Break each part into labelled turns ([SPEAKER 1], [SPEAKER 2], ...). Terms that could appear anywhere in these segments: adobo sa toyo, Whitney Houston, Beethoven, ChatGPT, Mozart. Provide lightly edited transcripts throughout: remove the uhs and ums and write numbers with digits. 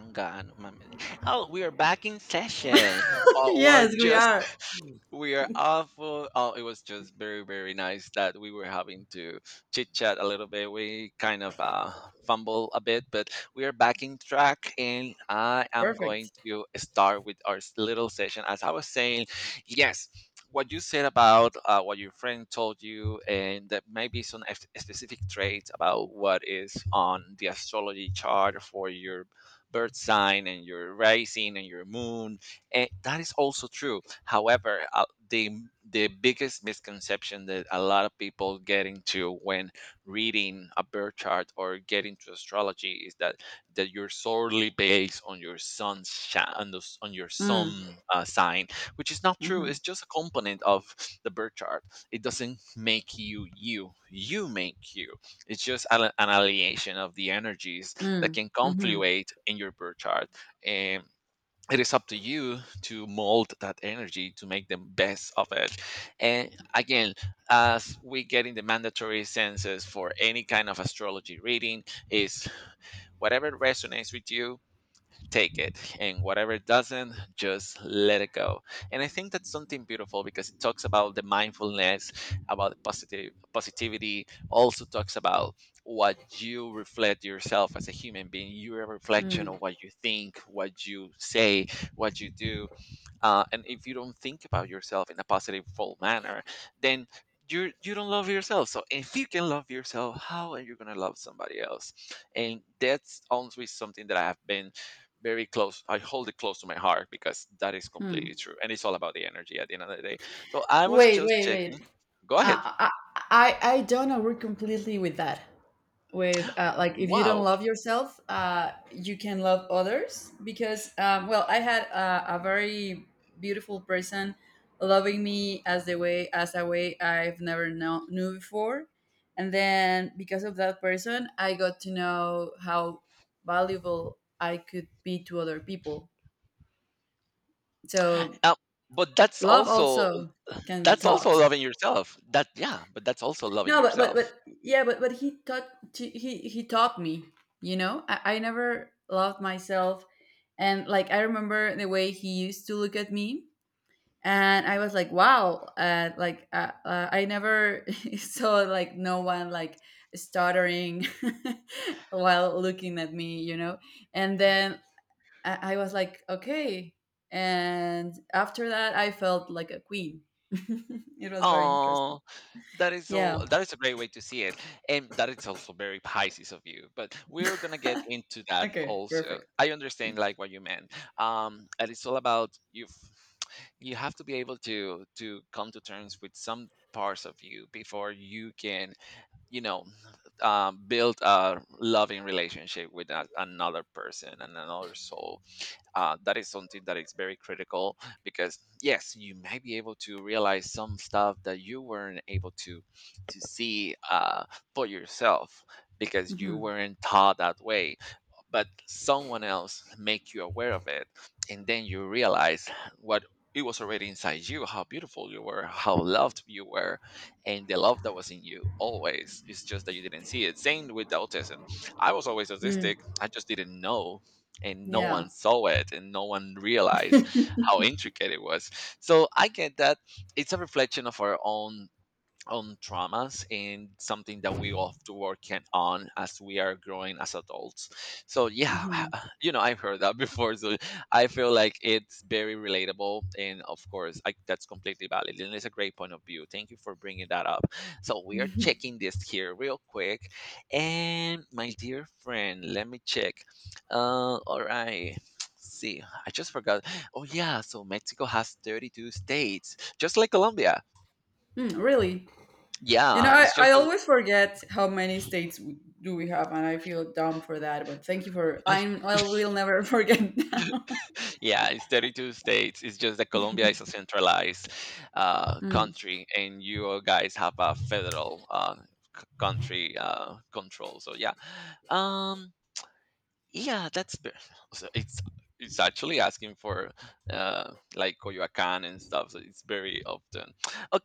[SPEAKER 1] Hanggaan, mamili. Oh, we are back in session. Oh, we're
[SPEAKER 2] Yes, we
[SPEAKER 1] just
[SPEAKER 2] are.
[SPEAKER 1] we are awful. Oh, it was just very, very nice that we were having to chit chat a little bit. We kind of fumble a bit, but we are back in track, and I am going
[SPEAKER 2] Perfect.
[SPEAKER 1] to start with our little session. As I was saying, yes. What you said about what your friend told you, and that maybe some specific traits about what is on the astrology chart for your birth sign and your rising and your moon, and that is also true. However, the the biggest misconception that a lot of people get into when reading a birth chart or getting into astrology is that you're solely based on your sun's sha on, the, s- on your
[SPEAKER 2] Mm,
[SPEAKER 1] sun sign, which is not true.
[SPEAKER 2] mhm,
[SPEAKER 1] It's just a component of the birth chart. It doesn't make you you. You make you. It's just an alienation of the energies that
[SPEAKER 2] mm,
[SPEAKER 1] can
[SPEAKER 2] mhm,
[SPEAKER 1] confluate in your birth chart. It is up to you to mold that energy to make the best of it. And again, as we get in the mandatory senses for any kind of astrology reading, is whatever resonates with you, take it, and whatever doesn't, just let it go. And I think that's something beautiful because it talks about the mindfulness, about the positive positivity, also talks about what you reflect yourself as a human being. You're a reflection
[SPEAKER 2] mm,
[SPEAKER 1] of what you think, what you say, what you do. And if you don't think about yourself in a positive full manner, then you don't love yourself. So if you can love yourself, how are you going to love somebody else? And that's honestly something that I have been very close. I hold it close to my heart because that is completely
[SPEAKER 2] mm.
[SPEAKER 1] true, and it's all about the energy at the end of the day. So I was
[SPEAKER 2] Wait,
[SPEAKER 1] just
[SPEAKER 2] wait,
[SPEAKER 1] checking.
[SPEAKER 2] wait.
[SPEAKER 1] Go ahead.
[SPEAKER 2] I, I don't agree completely with that, with, like, if you don't
[SPEAKER 1] Wow.
[SPEAKER 2] love yourself, you can love others, because, well, I had a very beautiful person loving me as a way I've never knew before, and then, because of that person, I got to know how valuable I could be to other people. So
[SPEAKER 1] uh, but
[SPEAKER 2] love also can be
[SPEAKER 1] that's also
[SPEAKER 2] taught.
[SPEAKER 1] loving yourself that yeah, but that's also loving
[SPEAKER 2] No, but,
[SPEAKER 1] yourself.
[SPEAKER 2] yeah, but he taught me. You know, I never loved myself, and like I remember the way he used to look at me, and I was like, wow, like I never saw like no one like stuttering while looking at me, and then I was like, okay, and after that I felt like a queen. It was very interesting.
[SPEAKER 1] Oh, that is
[SPEAKER 2] Yeah.
[SPEAKER 1] all. That is a great way to see it, and that is also very Pisces of you. But we're gonna get into that
[SPEAKER 2] Okay.
[SPEAKER 1] also.
[SPEAKER 2] Perfect.
[SPEAKER 1] I understand like what you meant, and it's all about you. You have to be able to come to terms with some parts of you before you can, you know, build a loving relationship with a, another person and another soul. That is something that is very critical because yes, you may be able to realize some stuff that you weren't able to see for yourself because you
[SPEAKER 2] Mhm.
[SPEAKER 1] weren't taught that way, but someone else make you aware of it, and then you realize what it was already inside you, how beautiful you were, how loved you were, and the love that was in you always. It's just that you didn't see it. Same with the autism, I was always
[SPEAKER 2] Mm,
[SPEAKER 1] autistic, I just didn't know, and no
[SPEAKER 2] yeah.
[SPEAKER 1] one saw it, and no one realized how intricate it was. So I get that. It's a reflection of our own on traumas and something that we all have to work on as we are growing as adults. So yeah,
[SPEAKER 2] Mhm.
[SPEAKER 1] you know I've heard that before, so I feel like it's very relatable, and of course I, that's completely valid, and it's a great point of view. Thank you for bringing that up. So we are
[SPEAKER 2] Mhm.
[SPEAKER 1] checking this here real quick, and my dear friend, let me check. All right. See, I just forgot. Oh yeah, so Mexico has 32 states, just like Colombia.
[SPEAKER 2] Mm, really? You know,
[SPEAKER 1] Yeah,
[SPEAKER 2] I,
[SPEAKER 1] it's
[SPEAKER 2] I
[SPEAKER 1] just that
[SPEAKER 2] always forget how many states do we have, and I feel dumb for that. But thank you for I will never forget that.
[SPEAKER 1] yeah, it's 32 states. It's just that Colombia is a centralized
[SPEAKER 2] Mm,
[SPEAKER 1] country, and you guys have a federal country control. So yeah, um, yeah, that's so it's actually asking for like Coyoacan and stuff. So it's very often.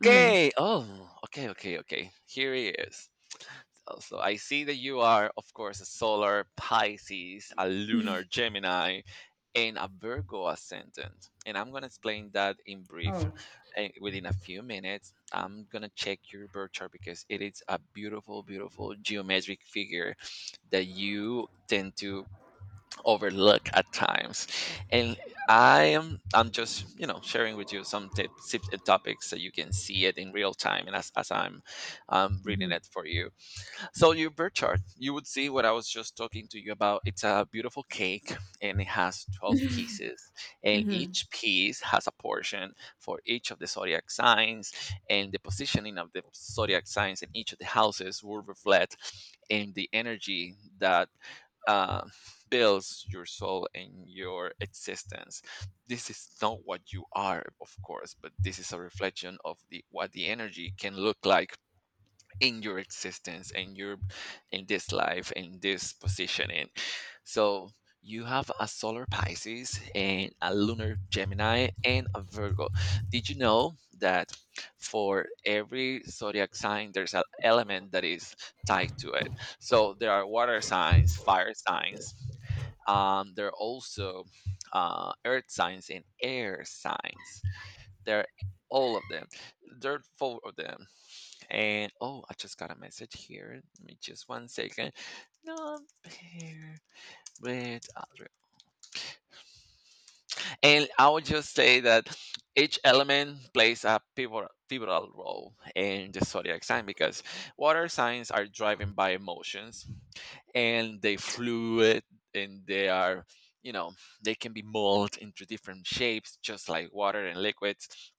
[SPEAKER 2] mm.
[SPEAKER 1] Oh, okay, okay, okay. Here he is. Oh, so I see that you are, of course, a solar Pisces, a lunar Gemini, and a Virgo ascendant. And I'm going to explain that in brief,
[SPEAKER 2] Oh.
[SPEAKER 1] within a few minutes. I'm going to check your birth chart because it is a beautiful, beautiful geometric figure that you tend to overlook at times. And I'm just, you know, sharing with you some tips and topics so you can see it in real time and as I'm reading
[SPEAKER 2] Hmm,
[SPEAKER 1] it for you. So your birth chart, you would see what I was just talking to you about. It's a beautiful cake, and it has 12 pieces, and
[SPEAKER 2] hmm.
[SPEAKER 1] each piece has a portion for each of the zodiac signs, and the positioning of the zodiac signs in each of the houses will reflect in the energy that uh, builds your soul and your existence. This is not what you are, of course, but this is a reflection of the what the energy can look like in your existence and your in this life, in this positioning. So you have a solar Pisces and a lunar Gemini and a Virgo. Did you know that for every zodiac sign there's an element that is tied to it? So there are water signs, fire signs, there are also earth signs and air signs. There are all of them, there are four of them. And oh, I just got a message here. Let me just one second. Not here with other. And I would just say that each element plays a pivotal, pivotal role in the zodiac sign because water signs are driven by emotions, and they fluid, and they are, you know, they can be molded into different shapes, just like water and liquids.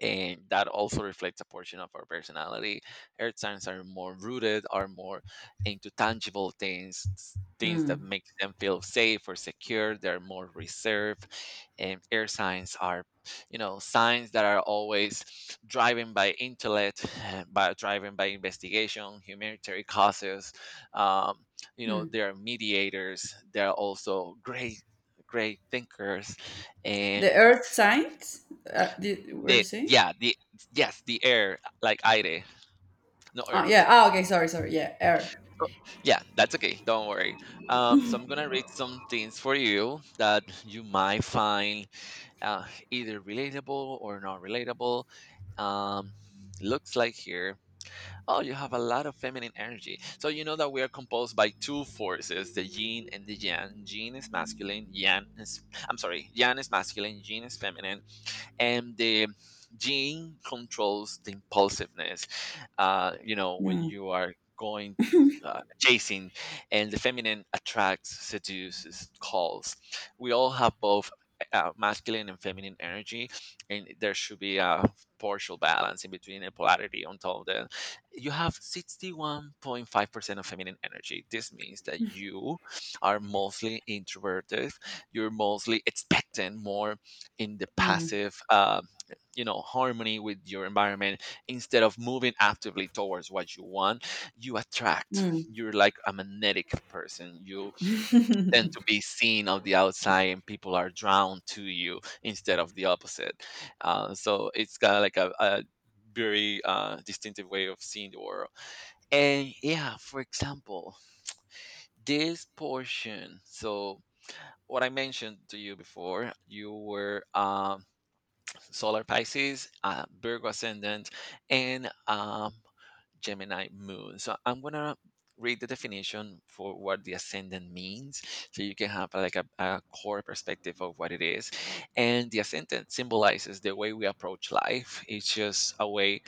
[SPEAKER 1] And that also reflects a portion of our personality. Earth signs are more rooted, are more into tangible things, things that
[SPEAKER 2] Mm,
[SPEAKER 1] make them feel safe or secure. They're more reserved, and air signs are, you know, signs that are always driven by intellect, by driven by investigation, humanitarian causes. Um, you know,
[SPEAKER 2] mm.
[SPEAKER 1] they are mediators. They're also great, great thinkers, and
[SPEAKER 2] The Earth signs. Were you
[SPEAKER 1] the
[SPEAKER 2] saying?
[SPEAKER 1] yeah, the yes, the air, like aire, no
[SPEAKER 2] Oh yeah.
[SPEAKER 1] earth.
[SPEAKER 2] Oh okay. Sorry. Sorry. Yeah. Earth.
[SPEAKER 1] Oh, yeah, that's okay. Don't worry. So I'm gonna read some things for you that you might find uh, either relatable or not relatable. Um, Looks like here. Oh, you have a lot of feminine energy. So you know that we are composed by two forces, the yin and the yang. Yin is masculine, yang is I'm sorry, yang is masculine, yin is feminine, and the gene controls the impulsiveness. You know, when
[SPEAKER 2] Mm.
[SPEAKER 1] you are going chasing. And the feminine attracts, seduces, calls. We all have both masculine and feminine energy, and there should be a partial balance in between, a polarity. On top of that, you have 61.5% of feminine energy. This means that you are mostly introverted, you're mostly expectant, more in the
[SPEAKER 2] Mm.
[SPEAKER 1] passive you know, harmony with your environment instead of moving actively towards what you want. You attract,
[SPEAKER 2] Mm.
[SPEAKER 1] you're like a magnetic person, you tend to be seen of the outside, and people are drawn to you instead of the opposite. So it's got like a very distinctive way of seeing the world. And yeah, for example, this portion. So what I mentioned to you before, you were solar Pisces, Virgo ascendant, and Gemini moon. So I'm gonna read the definition for what the ascendant means, so you can have like a core perspective of what it is. And the ascendant symbolizes the way we approach life. It's just a way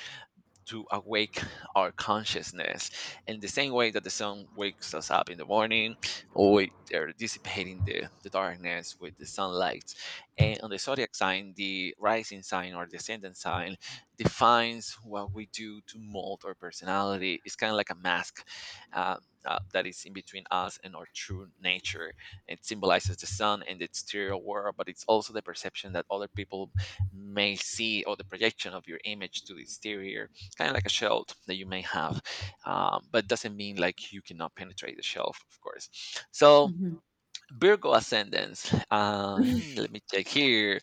[SPEAKER 1] to awake our consciousness, in the same way that the sun wakes us up in the morning, or they're dissipating the darkness with the sunlight. And on the zodiac sign, the rising sign or descendant sign defines what we do to mold our personality. It's kind of like a mask uh, that is in between us and our true nature. It symbolizes the sun and the exterior world, but it's also the perception that other people may see, or the projection of your image to the exterior. It's kind of like a shield that you may have, but doesn't mean like you cannot penetrate the shelf, of course. So
[SPEAKER 2] Mhm.
[SPEAKER 1] Virgo ascendants, hmm, let me check here.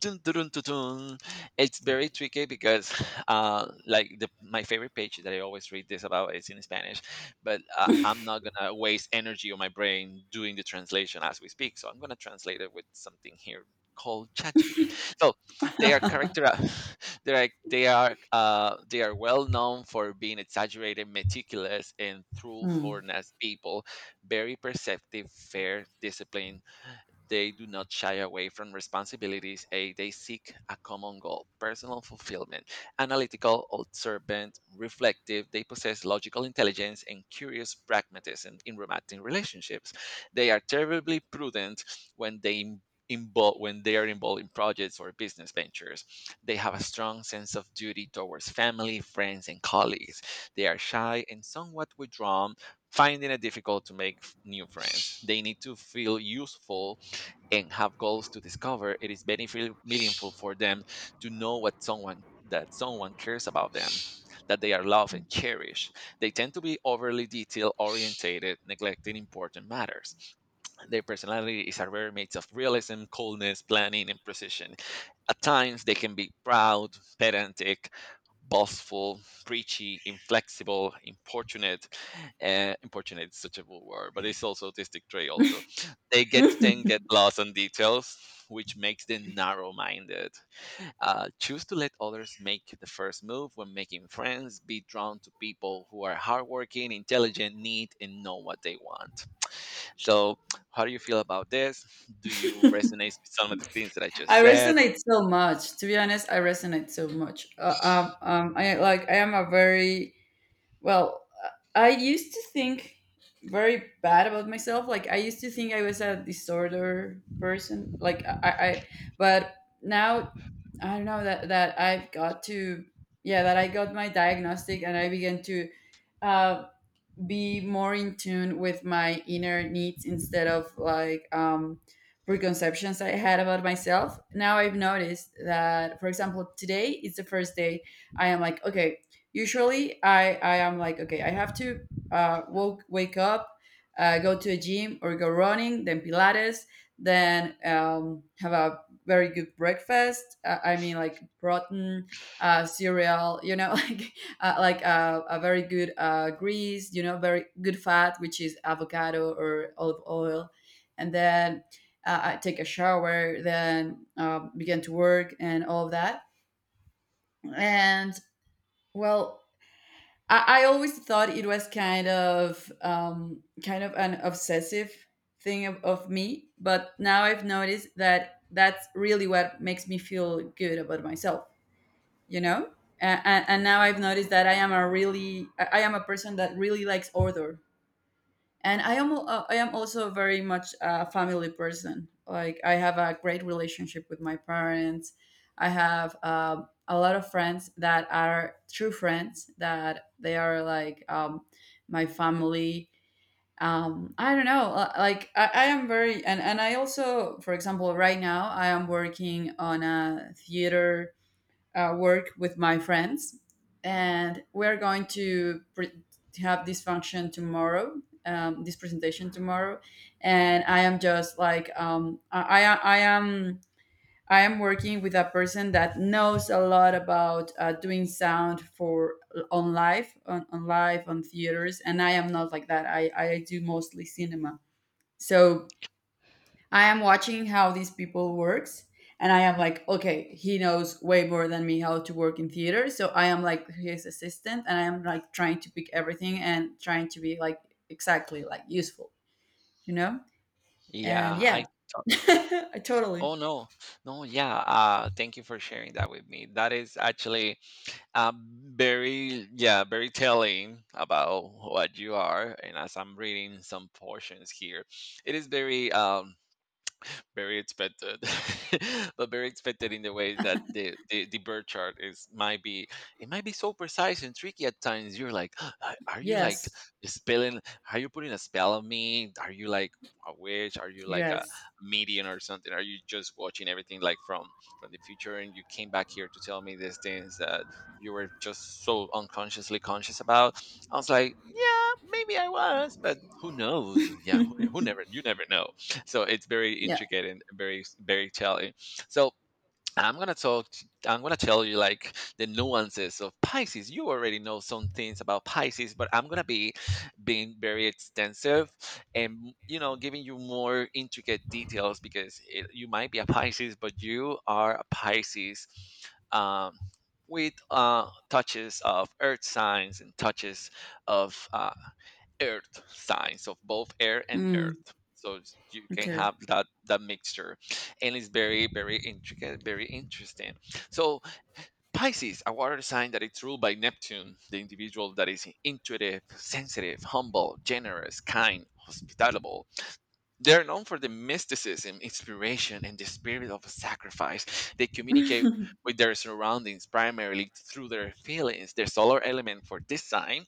[SPEAKER 1] Dun, dun, dun, dun, dun. It's very tricky because, like my favorite page that I always read this about is in Spanish, but I'm not gonna waste energy on my brain doing the translation as we speak. So I'm gonna translate it with something here called ChatGPT. So they are character, they are well known for being exaggerated, meticulous, and
[SPEAKER 2] Mm.
[SPEAKER 1] truthfulness people, very perceptive, fair, disciplined, they do not shy away from responsibilities. A, they seek a common goal, personal fulfillment. Analytical, observant, reflective, they possess logical intelligence and curious pragmatism in romantic relationships. They are terribly prudent when they im- involve when they are involved in projects or business ventures. They have a strong sense of duty towards family, friends, and colleagues. They are shy and somewhat withdrawn, finding it difficult to make new friends. They need to feel useful and have goals to discover. It is beneficial, meaningful for them to know what someone that someone cares about them, that they are loved and cherished. They tend to be overly detail orientated, neglecting important matters. Their personality is a rare mix of realism, coldness, planning, and precision. At times, they can be proud, pedantic, boastful, preachy, inflexible, importunate. Importunate is such a bull word, but it's also autistic trait. Also, they get to then get lost on details, which makes them narrow-minded. Choose to let others make the first move when making friends. Be drawn to people who are hardworking, intelligent, neat, and know what they want. So, how do you feel about this? Do you resonate with some of the things that I just
[SPEAKER 2] I
[SPEAKER 1] said?
[SPEAKER 2] resonate so much. To be honest, I resonate so much. I like. I am a very, well. I used to think very bad about myself. Like I used to think I was a disorder person. Like I, but now I don't know that I've got to. Yeah, that I got my diagnostic and I began to uh, be more in tune with my inner needs instead of like preconceptions I had about myself. Now I've noticed that, for example, today is the first day I am like, okay. Usually I am like, okay, I have to wake up, go to a gym or go running, then Pilates, then have a very good breakfast. I mean, like protein, cereal, like like a very good grease, very good fat, which is avocado or olive oil. And then I take a shower, then begin to work and all of that. And, well, I always thought it was kind of an obsessive thing of me, but now I've noticed that that's really what makes me feel good about myself you know and now I've noticed that I am a person that really likes order, and I am also very much a family person. Like I have a great relationship with my parents. I have a lot of friends that are true friends, that they are like my family. um, I don't know, like, I am very, and I also, for example, right now I am working on a theater work with my friends, and we're going to have this function tomorrow. This presentation tomorrow, and I am just like, I am working with a person that knows a lot about doing sound for, on live on theaters, and I am not like that. I do mostly cinema, so I am watching how these people works, and I am like, okay, he knows way more than me how to work in theater. So I am like his assistant, and I am like trying to pick everything and trying to be like exactly, like, useful, you know? And
[SPEAKER 1] Yeah, I
[SPEAKER 2] yeah. I totally.
[SPEAKER 1] oh no. No, yeah. Thank you for sharing that with me. That is actually very, yeah, very telling about what you are. And as I'm reading some portions here, it is very very expected, but very expected in the way that the birth chart is might be it might be so precise and tricky at times. You're like, Are you like
[SPEAKER 2] Yes.
[SPEAKER 1] spelling? Are you putting a spell on me? Are you like a witch? Are you like a
[SPEAKER 2] Yes.
[SPEAKER 1] medium or something? Are you just watching everything like from the future and you came back here to tell me these things that you were just so unconsciously conscious about?" I was like, yeah, maybe I was, but who knows? Yeah, who never, you never know. So it's very
[SPEAKER 2] Yeah.
[SPEAKER 1] intricate and very telling. So I'm gonna tell you like the nuances of Pisces. You already know some things about Pisces, but I'm gonna be being very extensive and, you know, giving you more intricate details because it, you might be a Pisces but you are a Pisces, um, with touches of earth signs and touches of earth signs of both air and
[SPEAKER 2] Mm,
[SPEAKER 1] earth. So you can
[SPEAKER 2] okay.
[SPEAKER 1] have that mixture, and it's very intricate, very interesting. So Pisces, a water sign that it's ruled by Neptune. The individual that is intuitive, sensitive, humble, generous, kind, hospitable, they're known for the mysticism, inspiration, and the spirit of sacrifice. They communicate
[SPEAKER 2] mm,
[SPEAKER 1] with their surroundings primarily through their feelings. Their solar element for this sign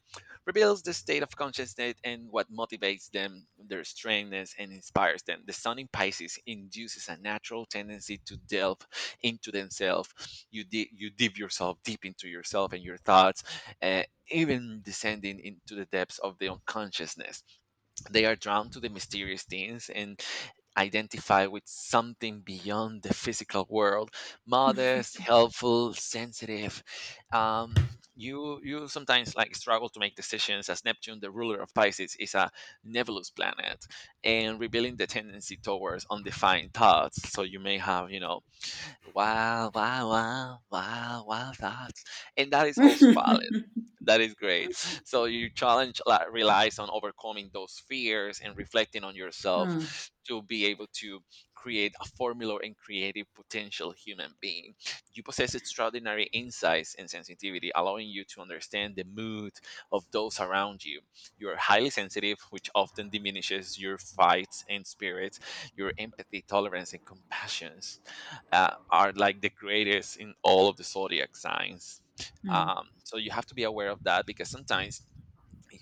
[SPEAKER 1] reveals the state of consciousness and what motivates them, their strangeness, and inspires them. The sun in Pisces induces a natural tendency to delve into themselves. You dive yourself deep into yourself and your thoughts, uh, even descending into the depths of the unconsciousness. They are drawn to the mysterious things and identify with something beyond the physical world. Modest, helpful, sensitive, um, you sometimes like struggle to make decisions, as Neptune, the ruler of Pisces, is a nebulous planet, and revealing the tendency towards undefined thoughts. So you may have, you know, wow, wow, wow, wow, wow thoughts, and that is also valid. That is great. So your challenge relies on overcoming those fears and reflecting on
[SPEAKER 2] mm,
[SPEAKER 1] yourself, to be able to create a formula and creative potential human being. You possess extraordinary insights and sensitivity, allowing you to understand the mood of those around you. You are highly sensitive, which often diminishes your fights and spirits. Your empathy, tolerance, and compassion, are like the greatest in all of the zodiac signs.
[SPEAKER 2] mm,
[SPEAKER 1] So you have to be aware of that, because sometimes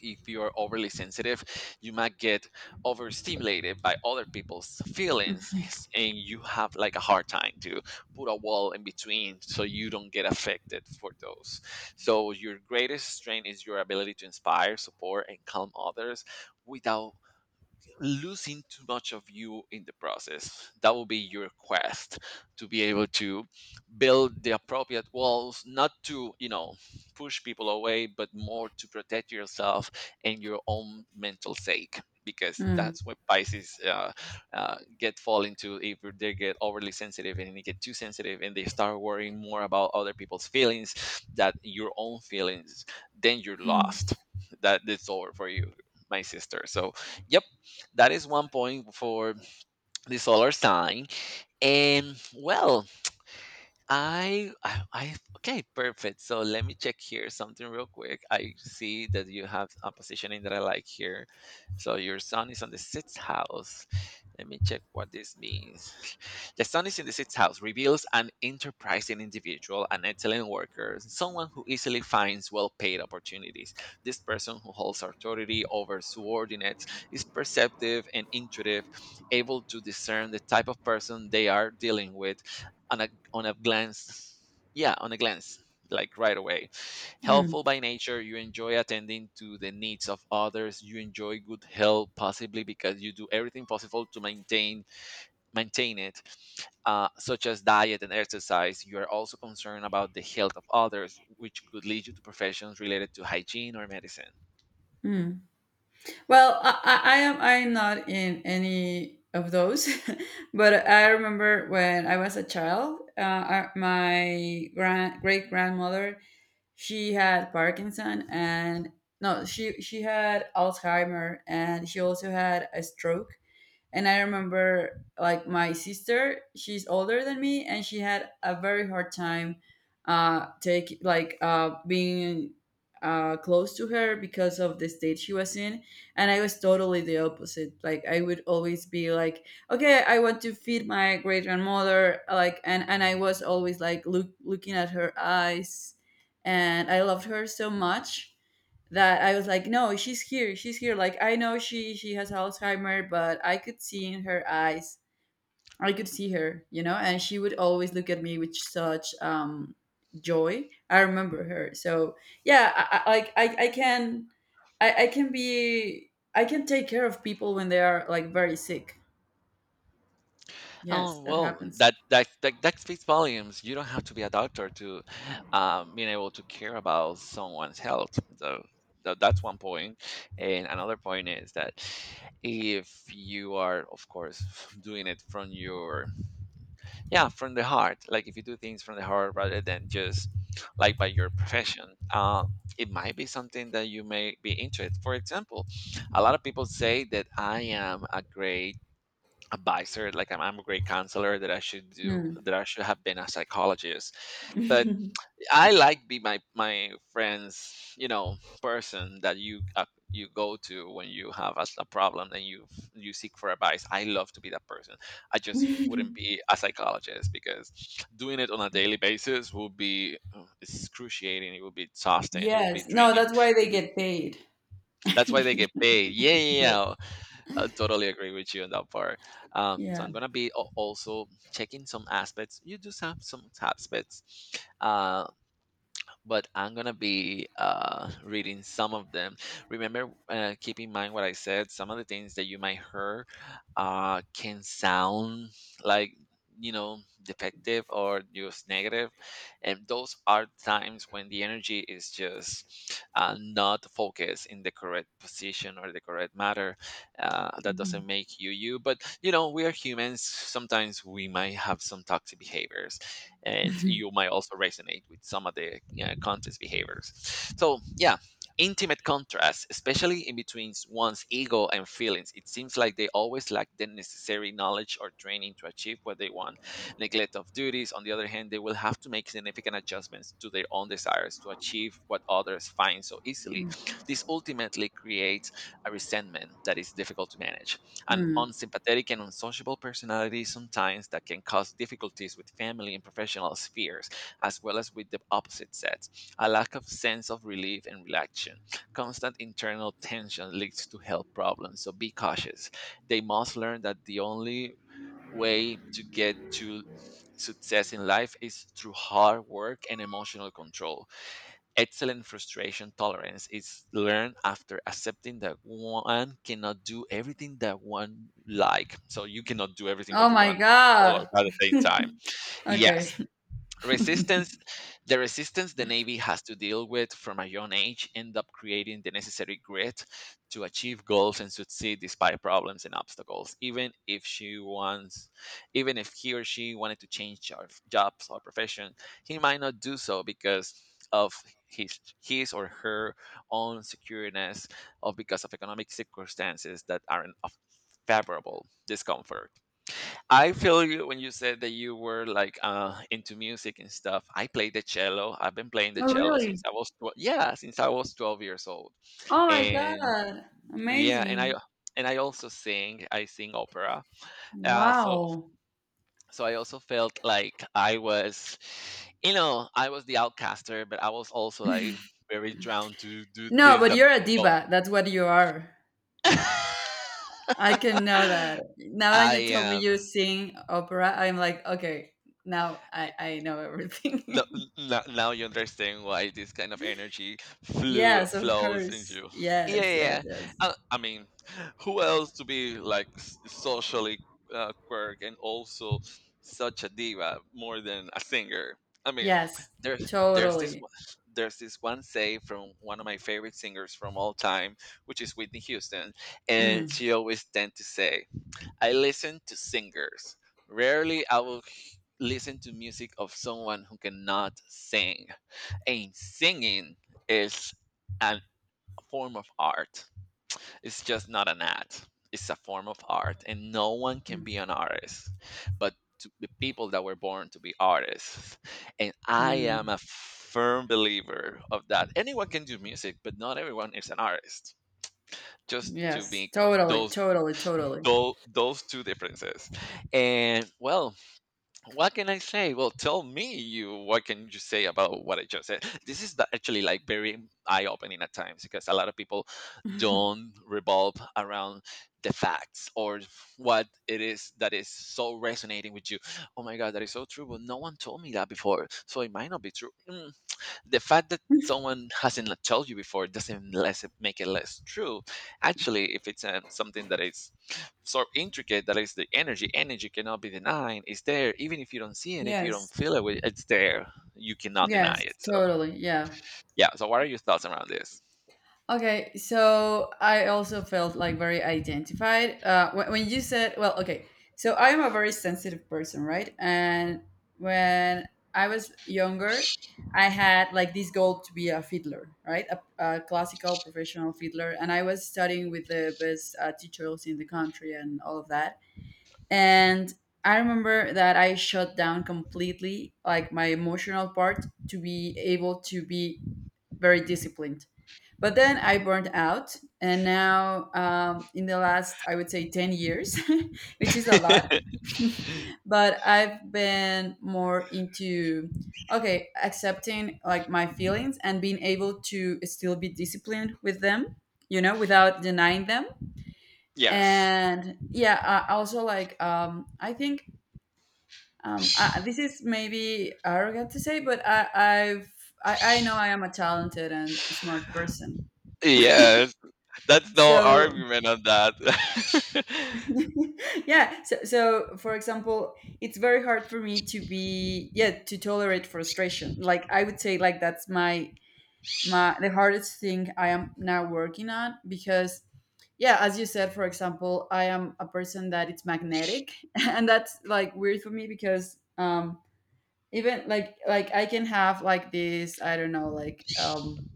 [SPEAKER 1] if you are overly sensitive, you might get overstimulated by other people's feelings, and you have like a hard time to put a wall in between, so you don't get affected for those. So your greatest strength is your ability to inspire, support, and calm others without losing too much of you in the process. That will be your quest, to be able to build the appropriate walls, not to, you know, push people away, but more to protect yourself and your own mental sake. Because
[SPEAKER 2] mm,
[SPEAKER 1] that's what Pisces get fall into. If they get overly sensitive and they get too sensitive and they start worrying more about other people's feelings than your own feelings, then you're lost. That it's over for you, my sister. So yep, that is one point for the solar sign. And well, okay, perfect. So let me check here something real quick. I see that you have a positioning that I like here. So your son is on the sixth house. Let me check what this means. The sun is in the sixth house, reveals an enterprising individual, an excellent worker, someone who easily finds well paid opportunities. This person who holds authority over subordinates is perceptive and intuitive, able to discern the type of person they are dealing with. An on a glance. Yeah, on a glance, like right away.
[SPEAKER 2] mm,
[SPEAKER 1] Helpful by nature, you enjoy attending to the needs of others. You enjoy good health, possibly because you do everything possible to maintain it, such as diet and exercise. You are also concerned about the health of others, which could lead you to professions related to hygiene or medicine.
[SPEAKER 2] mm. Well, I'm not in any of those, but I remember when I was a child, my grand great grandmother, she had Parkinson, and no, she had Alzheimer, and she also had a stroke, and I remember, like, my sister, she's older than me, and she had a very hard time, take like being close to her because of the state she was in. And I was totally the opposite. Like I would always be like, okay, I want to feed my great grandmother. Like, and I was always like looking at her eyes, and I loved her so much that I was like, no, she's here, she's here. Like, I know she has Alzheimer, but I could see in her eyes, I could see her. And she would always look at me with such joy. I remember her. So yeah, like, I can be I can take care of people when they are like very sick.
[SPEAKER 1] Oh
[SPEAKER 2] Yes, that
[SPEAKER 1] well,
[SPEAKER 2] happens.
[SPEAKER 1] that speaks volumes. You don't have to be a doctor to being able to care about someone's health. So, so that's one point. And another point is that if you are, of course, doing it from your, yeah, from the heart, like if you do things from the heart rather than just like by your profession. Um, it might be something that you may be interested. For example, a lot of people say that I am a great advisor, like I'm a great counselor, that I should do
[SPEAKER 2] Hmm.
[SPEAKER 1] that, I should have been a psychologist, but I like be my friends, you know, person that you you go to when you have a problem and you seek for advice. I love to be that person. I just wouldn't be a psychologist because doing it on a daily basis will be excruciating, it will be exhausting, it will be
[SPEAKER 2] Yes. No,
[SPEAKER 1] draining,
[SPEAKER 2] that's
[SPEAKER 1] it
[SPEAKER 2] why
[SPEAKER 1] will
[SPEAKER 2] they
[SPEAKER 1] be,
[SPEAKER 2] get paid.
[SPEAKER 1] that's why they
[SPEAKER 2] Yes.
[SPEAKER 1] get paid. Yeah, yeah, yeah, I totally agree with you on that part. So
[SPEAKER 2] Yeah.
[SPEAKER 1] I'm gonna be also checking some aspects. You do have some aspects, uh, but I'm gonna be reading some of them. Remember, keep in mind what I said. Some of the things that you might hear can sound like, you know, defective or just negative, and those are times when the energy is just not focused in the correct position or the correct matter. That doesn't
[SPEAKER 2] Mhm.
[SPEAKER 1] make you you, but you know we are humans. Sometimes we might have some toxic behaviors and you might also resonate with some of the contest behaviors. So, yeah, intimate contrast, especially in between one's ego and feelings. It seems like they always lack the necessary knowledge or training to achieve what they want. Neglect of duties, on the other hand, they will have to make significant adjustments to their own desires to achieve what others find so easily. This ultimately creates a resentment that is difficult to manage. An
[SPEAKER 2] Mm.
[SPEAKER 1] unsympathetic and unsociable personality sometimes that can cause difficulties with family and professional spheres, as well as with the opposite sex. A lack of sense of relief and relaxation. Constant internal tension leads to health problems, so be cautious. They must learn that the only way to get to success in life is through hard work and emotional control. Excellent frustration tolerance is learned after accepting that one cannot do everything that one like. So you cannot do everything what
[SPEAKER 2] Oh
[SPEAKER 1] you
[SPEAKER 2] my
[SPEAKER 1] want all at
[SPEAKER 2] god.
[SPEAKER 1] the same time.
[SPEAKER 2] Okay.
[SPEAKER 1] Yes, resistance, the navy has to deal with from a young age end up creating the necessary grit to achieve goals and succeed despite problems and obstacles. Even if he or she wanted to change jobs or profession, he might not do so because of his or her own secureness, or because of economic circumstances that aren't of favorable discomfort. I feel you when you said that you were like into music and stuff. I played the cello. I've been playing the
[SPEAKER 2] Oh
[SPEAKER 1] cello since
[SPEAKER 2] really?
[SPEAKER 1] I was 12, yeah, since I was 12 years old.
[SPEAKER 2] Oh my
[SPEAKER 1] And
[SPEAKER 2] god.
[SPEAKER 1] yeah,
[SPEAKER 2] Amazing.
[SPEAKER 1] and I also sing. I sing opera. So
[SPEAKER 2] Wow.
[SPEAKER 1] so I also felt like I was, I was the outcaster, but I was also like very drowned to do
[SPEAKER 2] No,
[SPEAKER 1] things
[SPEAKER 2] but
[SPEAKER 1] that
[SPEAKER 2] you're a
[SPEAKER 1] both.
[SPEAKER 2] diva. That's what you are. I can know that. Now that
[SPEAKER 1] I
[SPEAKER 2] you told me
[SPEAKER 1] am.
[SPEAKER 2] you sing opera, I'm like, okay, now I know
[SPEAKER 1] No,
[SPEAKER 2] everything.
[SPEAKER 1] n- n- now you understand why this kind of energy flew
[SPEAKER 2] Yes, of
[SPEAKER 1] flows
[SPEAKER 2] course.
[SPEAKER 1] into. Yeah,
[SPEAKER 2] Yes,
[SPEAKER 1] yeah.
[SPEAKER 2] yes,
[SPEAKER 1] yeah.
[SPEAKER 2] yes.
[SPEAKER 1] I mean, who else to be like socially quirk and also such a diva more than a singer? I mean,
[SPEAKER 2] Yes,
[SPEAKER 1] there's there's this
[SPEAKER 2] totally.
[SPEAKER 1] one, there's this one say from one of my favorite singers from all time, which is Whitney Houston, and
[SPEAKER 2] Mm,
[SPEAKER 1] she always tend to say, I listen to singers. Rarely I will listen to music of someone who cannot sing. And singing is a form of art. It's just not an art. It's a form of art, and no one can be
[SPEAKER 2] mm,
[SPEAKER 1] an artist, but to the people that were born to be artists. And I am
[SPEAKER 2] mm.
[SPEAKER 1] a firm believer of that. Anyone can do music, but not everyone is an artist. Just to
[SPEAKER 2] Yes,
[SPEAKER 1] make
[SPEAKER 2] totally,
[SPEAKER 1] those
[SPEAKER 2] totally, totally.
[SPEAKER 1] those two differences. And well, what can I say? Well, tell me you what can you say about what I just said? This is actually like very eye-opening at times because a lot of people don't revolve around the facts or what it is that is so resonating with you. Oh my god, that is so true, but no one told me that before, so it might not be true. Mm, the fact that someone hasn't told you before doesn't less make it less true. Actually, if it's something that is so intricate that is the energy cannot be denied. It's there, even if you don't see it, if you don't
[SPEAKER 2] Yes,
[SPEAKER 1] feel it, well, it's there. You cannot deny
[SPEAKER 2] yes,
[SPEAKER 1] it. So
[SPEAKER 2] totally. Yeah.
[SPEAKER 1] yeah. So what are your thoughts around this?
[SPEAKER 2] Okay, so I also felt, like, very identified. When you said, well, okay, so I am a very sensitive person, right? And when I was younger, I had like this goal to be a fiddler, right? A classical professional fiddler. And I was studying with the best teachers in the country and all of that. And I remember that I shut down completely, like my emotional part, to be able to be very disciplined, but then I burned out, and now, in the last, I would say, 10 years, which is a lot, but I've been more into, okay, accepting like my feelings and being able to still be disciplined with them, without denying them.
[SPEAKER 1] Yes.
[SPEAKER 2] And yeah, I also, like, I think, this is maybe arrogant to say, but I know I am a talented and smart person.
[SPEAKER 1] Yes. That's no
[SPEAKER 2] So
[SPEAKER 1] argument on that.
[SPEAKER 2] yeah, so, for example, it's very hard for me to be, yeah, to tolerate frustration. Like, I would say, like, that's my the hardest thing I am now working on, because, yeah, as you said, for example, I am a person that it's magnetic. And that's like weird for me because, even like I can have like this, I don't know, like,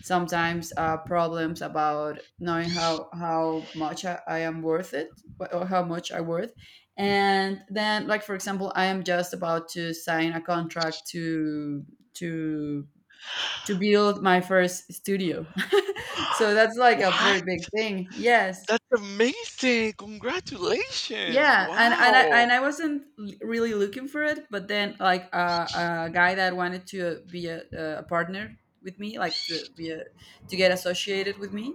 [SPEAKER 2] sometimes, problems about knowing how much I am worth it, or how much I worth. And then, like, for example, I am just about to sign a contract to to to build my first studio. So that's like a
[SPEAKER 1] What?
[SPEAKER 2] very big thing. Yes,
[SPEAKER 1] That's amazing. Congratulations.
[SPEAKER 2] yeah, and I
[SPEAKER 1] Wow.
[SPEAKER 2] and I wasn't really looking for it, but then, like, a guy that wanted to be a partner with me, like, to get associated with me,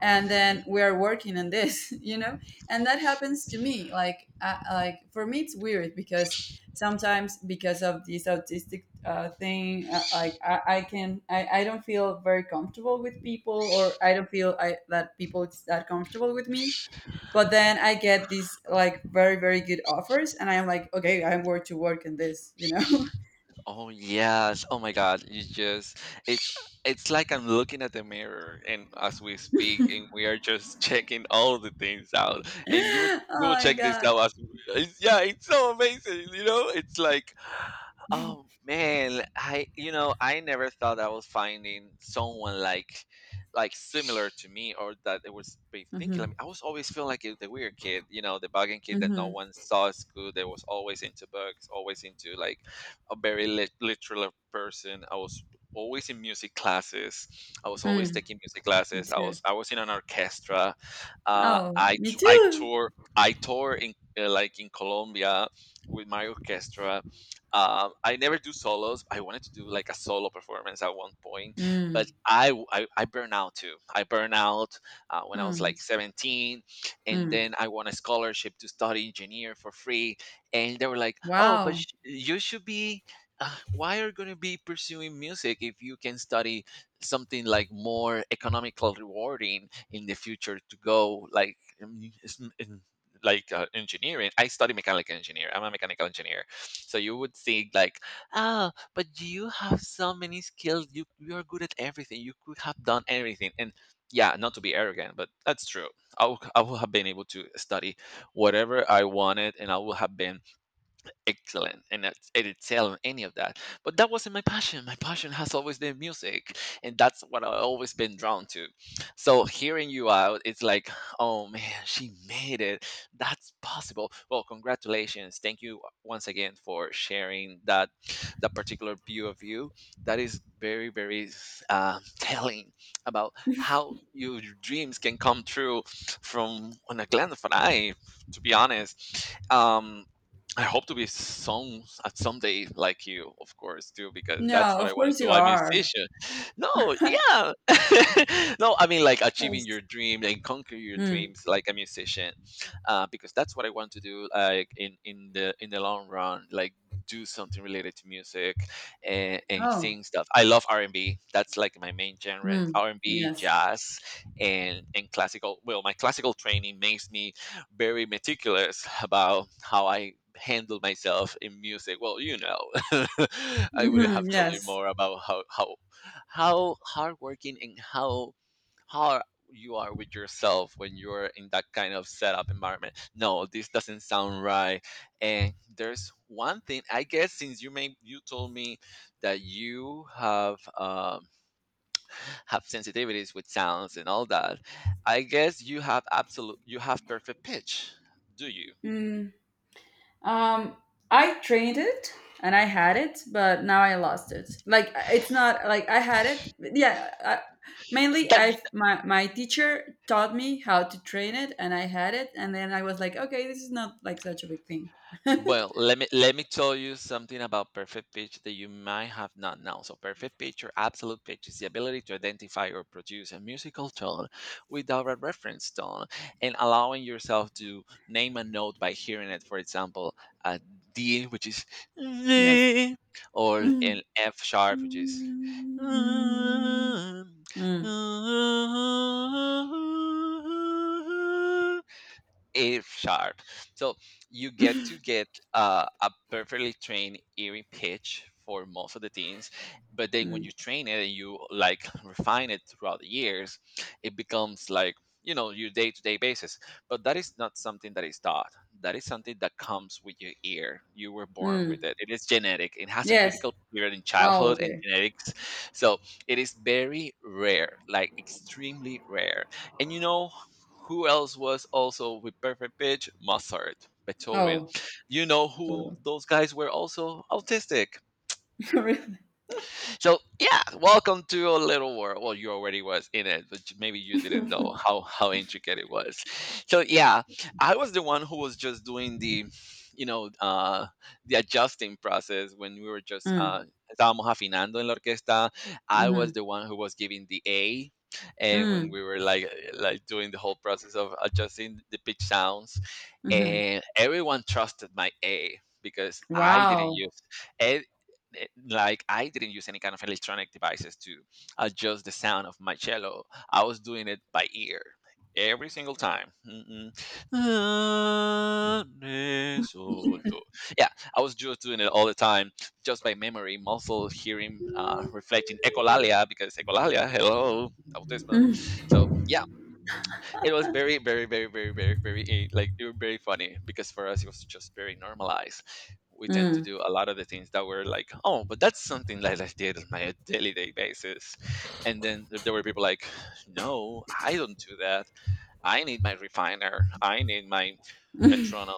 [SPEAKER 2] and then
[SPEAKER 1] Mhm.
[SPEAKER 2] we are working on this, and that happens to me. Like, like, for me, it's weird because sometimes, because of this autistic, thing, like, I don't feel very comfortable with people, or I don't feel I that people is that comfortable with me, but then I get these like very very good offers, and I'm like, okay, I'm worth to work in this.
[SPEAKER 1] Oh yes. Oh my god. You just it's like I'm looking at the mirror and as we speak and we are just checking all the things out. And
[SPEAKER 2] Oh
[SPEAKER 1] you will
[SPEAKER 2] my
[SPEAKER 1] check this
[SPEAKER 2] god.
[SPEAKER 1] out as we- it's, yeah, it's so amazing, you know? It's like oh man, I I never thought I was finding someone like similar to me or that it was be thinking. I
[SPEAKER 2] Mm-hmm.
[SPEAKER 1] mean, I was always feeling like the weird kid, the bugging kid that no
[SPEAKER 2] Mm-hmm.
[SPEAKER 1] one saw at school. That was always into books, always into like a very literal person. I was always in music classes. I was always
[SPEAKER 2] Mm,
[SPEAKER 1] taking music
[SPEAKER 2] me
[SPEAKER 1] classes.
[SPEAKER 2] too.
[SPEAKER 1] I was in an orchestra. Uh,
[SPEAKER 2] Oh,
[SPEAKER 1] I
[SPEAKER 2] me
[SPEAKER 1] t- I
[SPEAKER 2] too.
[SPEAKER 1] tour I tour in like in Colombia with my orchestra. I never do solos. I wanted to do like a solo performance at one point, but
[SPEAKER 2] Mm,
[SPEAKER 1] I burn out too. I burn out when I was
[SPEAKER 2] mm,
[SPEAKER 1] like 17, and
[SPEAKER 2] mm.
[SPEAKER 1] then I won a scholarship to study engineer for free, and they were like, "Oh, but
[SPEAKER 2] Wow.
[SPEAKER 1] you should be." Why are you going to be pursuing music if you can study something like more economical rewarding in the future to go like um, s- in- like engineering. I study mechanical engineer. I'm a mechanical engineer, so you would think like, ah, but you have so many skills. You are good at everything. You could have done everything. And yeah, not to be arrogant, but that's true. I would have been able to study whatever I wanted, and I would have been excellent and it excel in any of that, but that wasn't my passion. My passion has always been music, and that's what I've always been drawn to. So hearing you out, it's like oh man, she made it. That's possible. Well, congratulations. Thank you once again for sharing that, that particular view of you, that is very very telling about how your dreams can come true from on a glance of an eye, to be honest. I hope to be someday like you, of course, too, because that's
[SPEAKER 2] No,
[SPEAKER 1] what I
[SPEAKER 2] of
[SPEAKER 1] want
[SPEAKER 2] course
[SPEAKER 1] to do.
[SPEAKER 2] you
[SPEAKER 1] I'm a
[SPEAKER 2] are. Of
[SPEAKER 1] musician. No, yeah, no, I mean like achieving your
[SPEAKER 2] course.
[SPEAKER 1] dream and conquer your
[SPEAKER 2] Mm.
[SPEAKER 1] dreams like a musician, because that's what I want to do. Like in the long run, like do something related to music and
[SPEAKER 2] Oh.
[SPEAKER 1] sing stuff. I love R and B. That's like my main genre:
[SPEAKER 2] Mm.
[SPEAKER 1] R and B,
[SPEAKER 2] Yes.
[SPEAKER 1] jazz, and classical. Well, my classical training makes me very meticulous about how I handle myself in music. Well, you know, I would
[SPEAKER 2] Hmm.
[SPEAKER 1] have told you
[SPEAKER 2] Yes.
[SPEAKER 1] more about how hardworking and how hard you are with yourself when you're in that kind of setup environment. No, this doesn't sound right. And there's one thing I guess since you told me that you have have sensitivities with sounds and all that. I guess you have absolute, you have perfect pitch, do you?
[SPEAKER 2] Mm. Um, I trained it and I had it, but now I lost it. Like, it's not like I had it. But yeah, I, mainly
[SPEAKER 1] That
[SPEAKER 2] I my my teacher taught me how to train it, and I had it, and then I was like, okay, this is not like such a big thing.
[SPEAKER 1] Well, let me tell you something about perfect pitch that you might have not known. So, perfect pitch or absolute pitch is the ability to identify or produce a musical tone without a reference tone, and allowing yourself to name a note by hearing it. For example, a D, which is
[SPEAKER 2] Yes.
[SPEAKER 1] D, or
[SPEAKER 2] Mm.
[SPEAKER 1] an F sharp, which is
[SPEAKER 2] Mm. Mm.
[SPEAKER 1] a sharp. So you get a perfectly trained earring pitch for most of the things, but then when you
[SPEAKER 2] Mm.
[SPEAKER 1] train it and you like refine it throughout the years, it becomes like you know your day-to-day basis. But that is not something that is taught. That is something that comes with your ear. You were born with
[SPEAKER 2] Mm.
[SPEAKER 1] it. It is genetic. It has a
[SPEAKER 2] Yes.
[SPEAKER 1] critical period in
[SPEAKER 2] Oh,
[SPEAKER 1] childhood and
[SPEAKER 2] okay.
[SPEAKER 1] genetics. So it is very rare, like extremely rare. And you know who else was also with Perfect Pitch? Mozart, Beethoven.
[SPEAKER 2] Oh,
[SPEAKER 1] You know who
[SPEAKER 2] so
[SPEAKER 1] those guys were also? Autistic.
[SPEAKER 2] really.
[SPEAKER 1] So yeah, welcome to a little world. Well, you already was in it, but maybe you didn't know how intricate it was. So yeah, I was the one who was just doing the you know the adjusting process when we were just
[SPEAKER 2] Mm.
[SPEAKER 1] estábamos afinando en la orquesta. I was
[SPEAKER 2] Mm-hmm.
[SPEAKER 1] the one who was giving the a, and when
[SPEAKER 2] Mm.
[SPEAKER 1] we were like doing the whole process of adjusting the pitch sounds.
[SPEAKER 2] Mm-hmm.
[SPEAKER 1] And everyone trusted my a because I didn't
[SPEAKER 2] Wow.
[SPEAKER 1] use and like I didn't use any kind of electronic devices to adjust the sound of my cello. I was doing it by ear every single time. Mm-mm. Ah, re, sol, do. Yeah, I was just doing it all the time, just by memory, muscle hearing, reflecting echolalia because echolalia, hello, autism.
[SPEAKER 2] Mm.
[SPEAKER 1] So yeah, it was very like they were very funny because for us it was just very normalized. We tend to
[SPEAKER 2] Mm.
[SPEAKER 1] do a lot of the things that were like oh but that's something that I did on my daily day basis. And then there were people like no, I don't do that. I need my refiner, I need my metronome.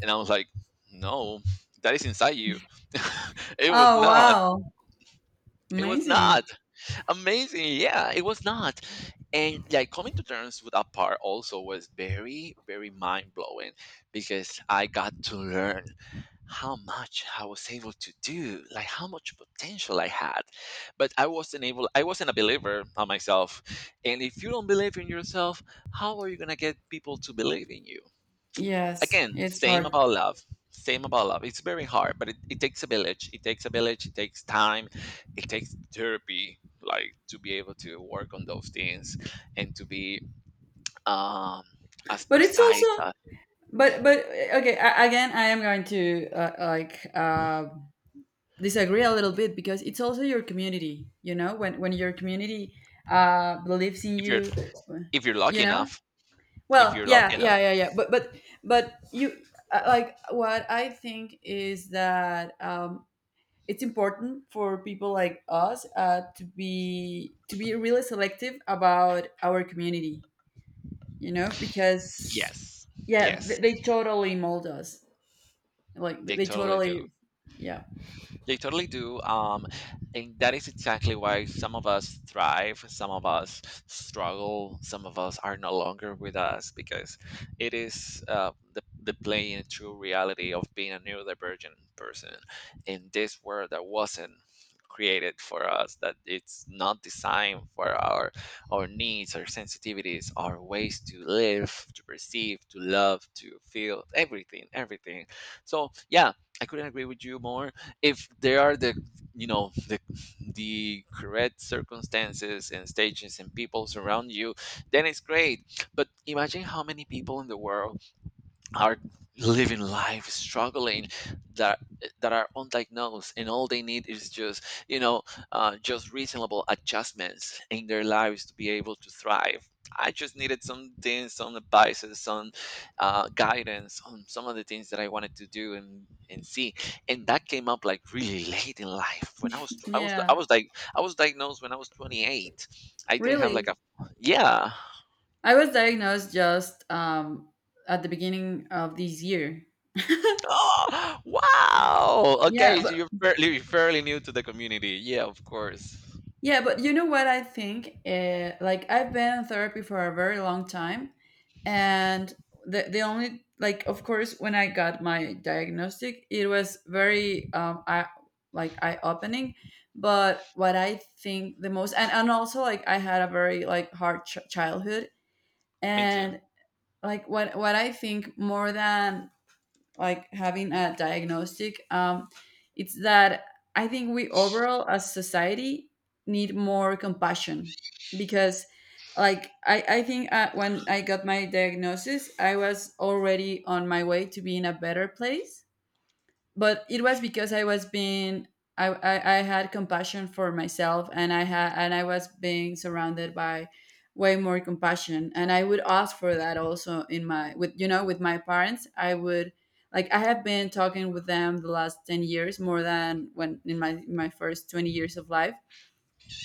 [SPEAKER 1] And I was like no, that is inside you. it was
[SPEAKER 2] Oh,
[SPEAKER 1] not
[SPEAKER 2] wow.
[SPEAKER 1] it was not
[SPEAKER 2] Amazing.
[SPEAKER 1] Amazing. Yeah, it was not. And like coming to terms with that part also was very, very mind blowing because I got to learn how much I was able to do, like how much potential I had. But I wasn't a believer on myself. And if you don't believe in yourself, how are you going to get people to believe in you?
[SPEAKER 2] Yes,
[SPEAKER 1] Again,
[SPEAKER 2] it's
[SPEAKER 1] same
[SPEAKER 2] hard.
[SPEAKER 1] about love, same about love. It's very hard, but it takes a village, it takes a village, it takes time, it takes therapy, like to be able to work on those things and to be um as
[SPEAKER 2] But it's
[SPEAKER 1] precise
[SPEAKER 2] also,
[SPEAKER 1] as
[SPEAKER 2] but okay, again, I am going to, like, disagree a little bit, because it's also your community, you know? When your community believes in
[SPEAKER 1] if you're
[SPEAKER 2] you,
[SPEAKER 1] if you're lucky
[SPEAKER 2] you know?
[SPEAKER 1] enough if
[SPEAKER 2] Well,
[SPEAKER 1] you're lucky
[SPEAKER 2] yeah,
[SPEAKER 1] enough.
[SPEAKER 2] yeah, yeah, yeah. But you like, what I think is that, it's important for people like us, to be really selective about our community, because,
[SPEAKER 1] Yes,
[SPEAKER 2] yeah,
[SPEAKER 1] yes,
[SPEAKER 2] they totally mold us, like they
[SPEAKER 1] they
[SPEAKER 2] they
[SPEAKER 1] totally do.
[SPEAKER 2] totally. Yeah,
[SPEAKER 1] They totally do. And that is exactly why some of us thrive, some of us struggle, some of us are no longer with us because it is the plain and true reality of being a neurodivergent person in this world that wasn't created for us, that it's not designed for our needs, our sensitivities, our ways to live, to perceive, to love, to feel, everything, everything. So yeah, I couldn't agree with you more if there are the you know the correct circumstances and stages and people surround you, then it's great. But imagine how many people in the world are living life struggling, that that are undiagnosed and all they need is just you know just reasonable adjustments in their lives to be able to thrive. I just needed some things, some advices, some guidance on some of the things that I wanted to do and see. And that came up like really late in life when
[SPEAKER 2] yeah,
[SPEAKER 1] I was diagnosed when I was 28. I didn't have like a
[SPEAKER 2] really.
[SPEAKER 1] yeah.
[SPEAKER 2] I was diagnosed just at the beginning of this year.
[SPEAKER 1] Oh, wow.
[SPEAKER 2] Yeah,
[SPEAKER 1] Okay, so
[SPEAKER 2] but,
[SPEAKER 1] you're fairly, fairly new to the community. Yeah, of course.
[SPEAKER 2] yeah, but, you know what I think? Like, I've been in therapy for a very long time, and the only, like, of course, when I got my diagnostic, it was very, I like, eye opening. But what I think the most, and, also, like, I had a very like hard childhood,
[SPEAKER 1] Me too.
[SPEAKER 2] and, like, what I think more than, like, having a diagnostic, it's that I think we overall as society need more compassion, because, like, I think, when I got my diagnosis, I was already on my way to be in a better place, but it was because I was being I had compassion for myself, and I was being surrounded by way more compassion, and I would ask for that also, in my with you know with my parents. I would, like, I have been talking with them the last 10 years more than when, in my first 20 years of life.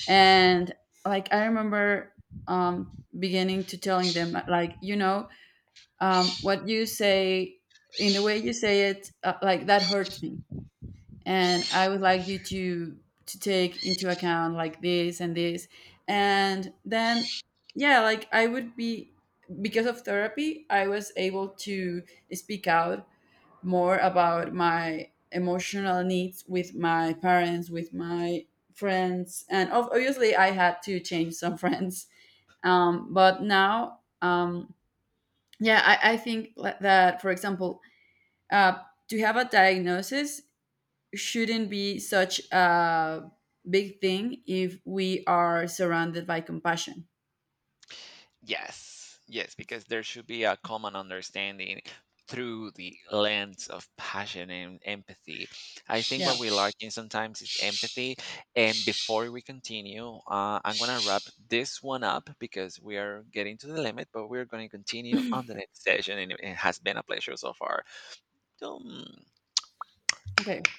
[SPEAKER 2] And like, I remember, um beginning to telling them, like, what you say, in the way you say it, like, that hurts me, and I would like you to take into account, like, this and this. And then, yeah, like, I would be, because of therapy, I was able to speak out more about my emotional needs with my parents, with my friends, and obviously I had to change some friends. But now, yeah, I think, that, for example, uh to have a diagnosis shouldn't be such a big thing if we are surrounded by compassion.
[SPEAKER 1] Yes, yes, because there should be a common understanding through the lens of passion and empathy. I think
[SPEAKER 2] Yeah.
[SPEAKER 1] what we're lacking sometimes is empathy. And before we continue, I'm going to wrap this one up because we are getting to the limit, but we're going to continue on the next session. And it has been a pleasure so far. Dum.
[SPEAKER 2] Okay.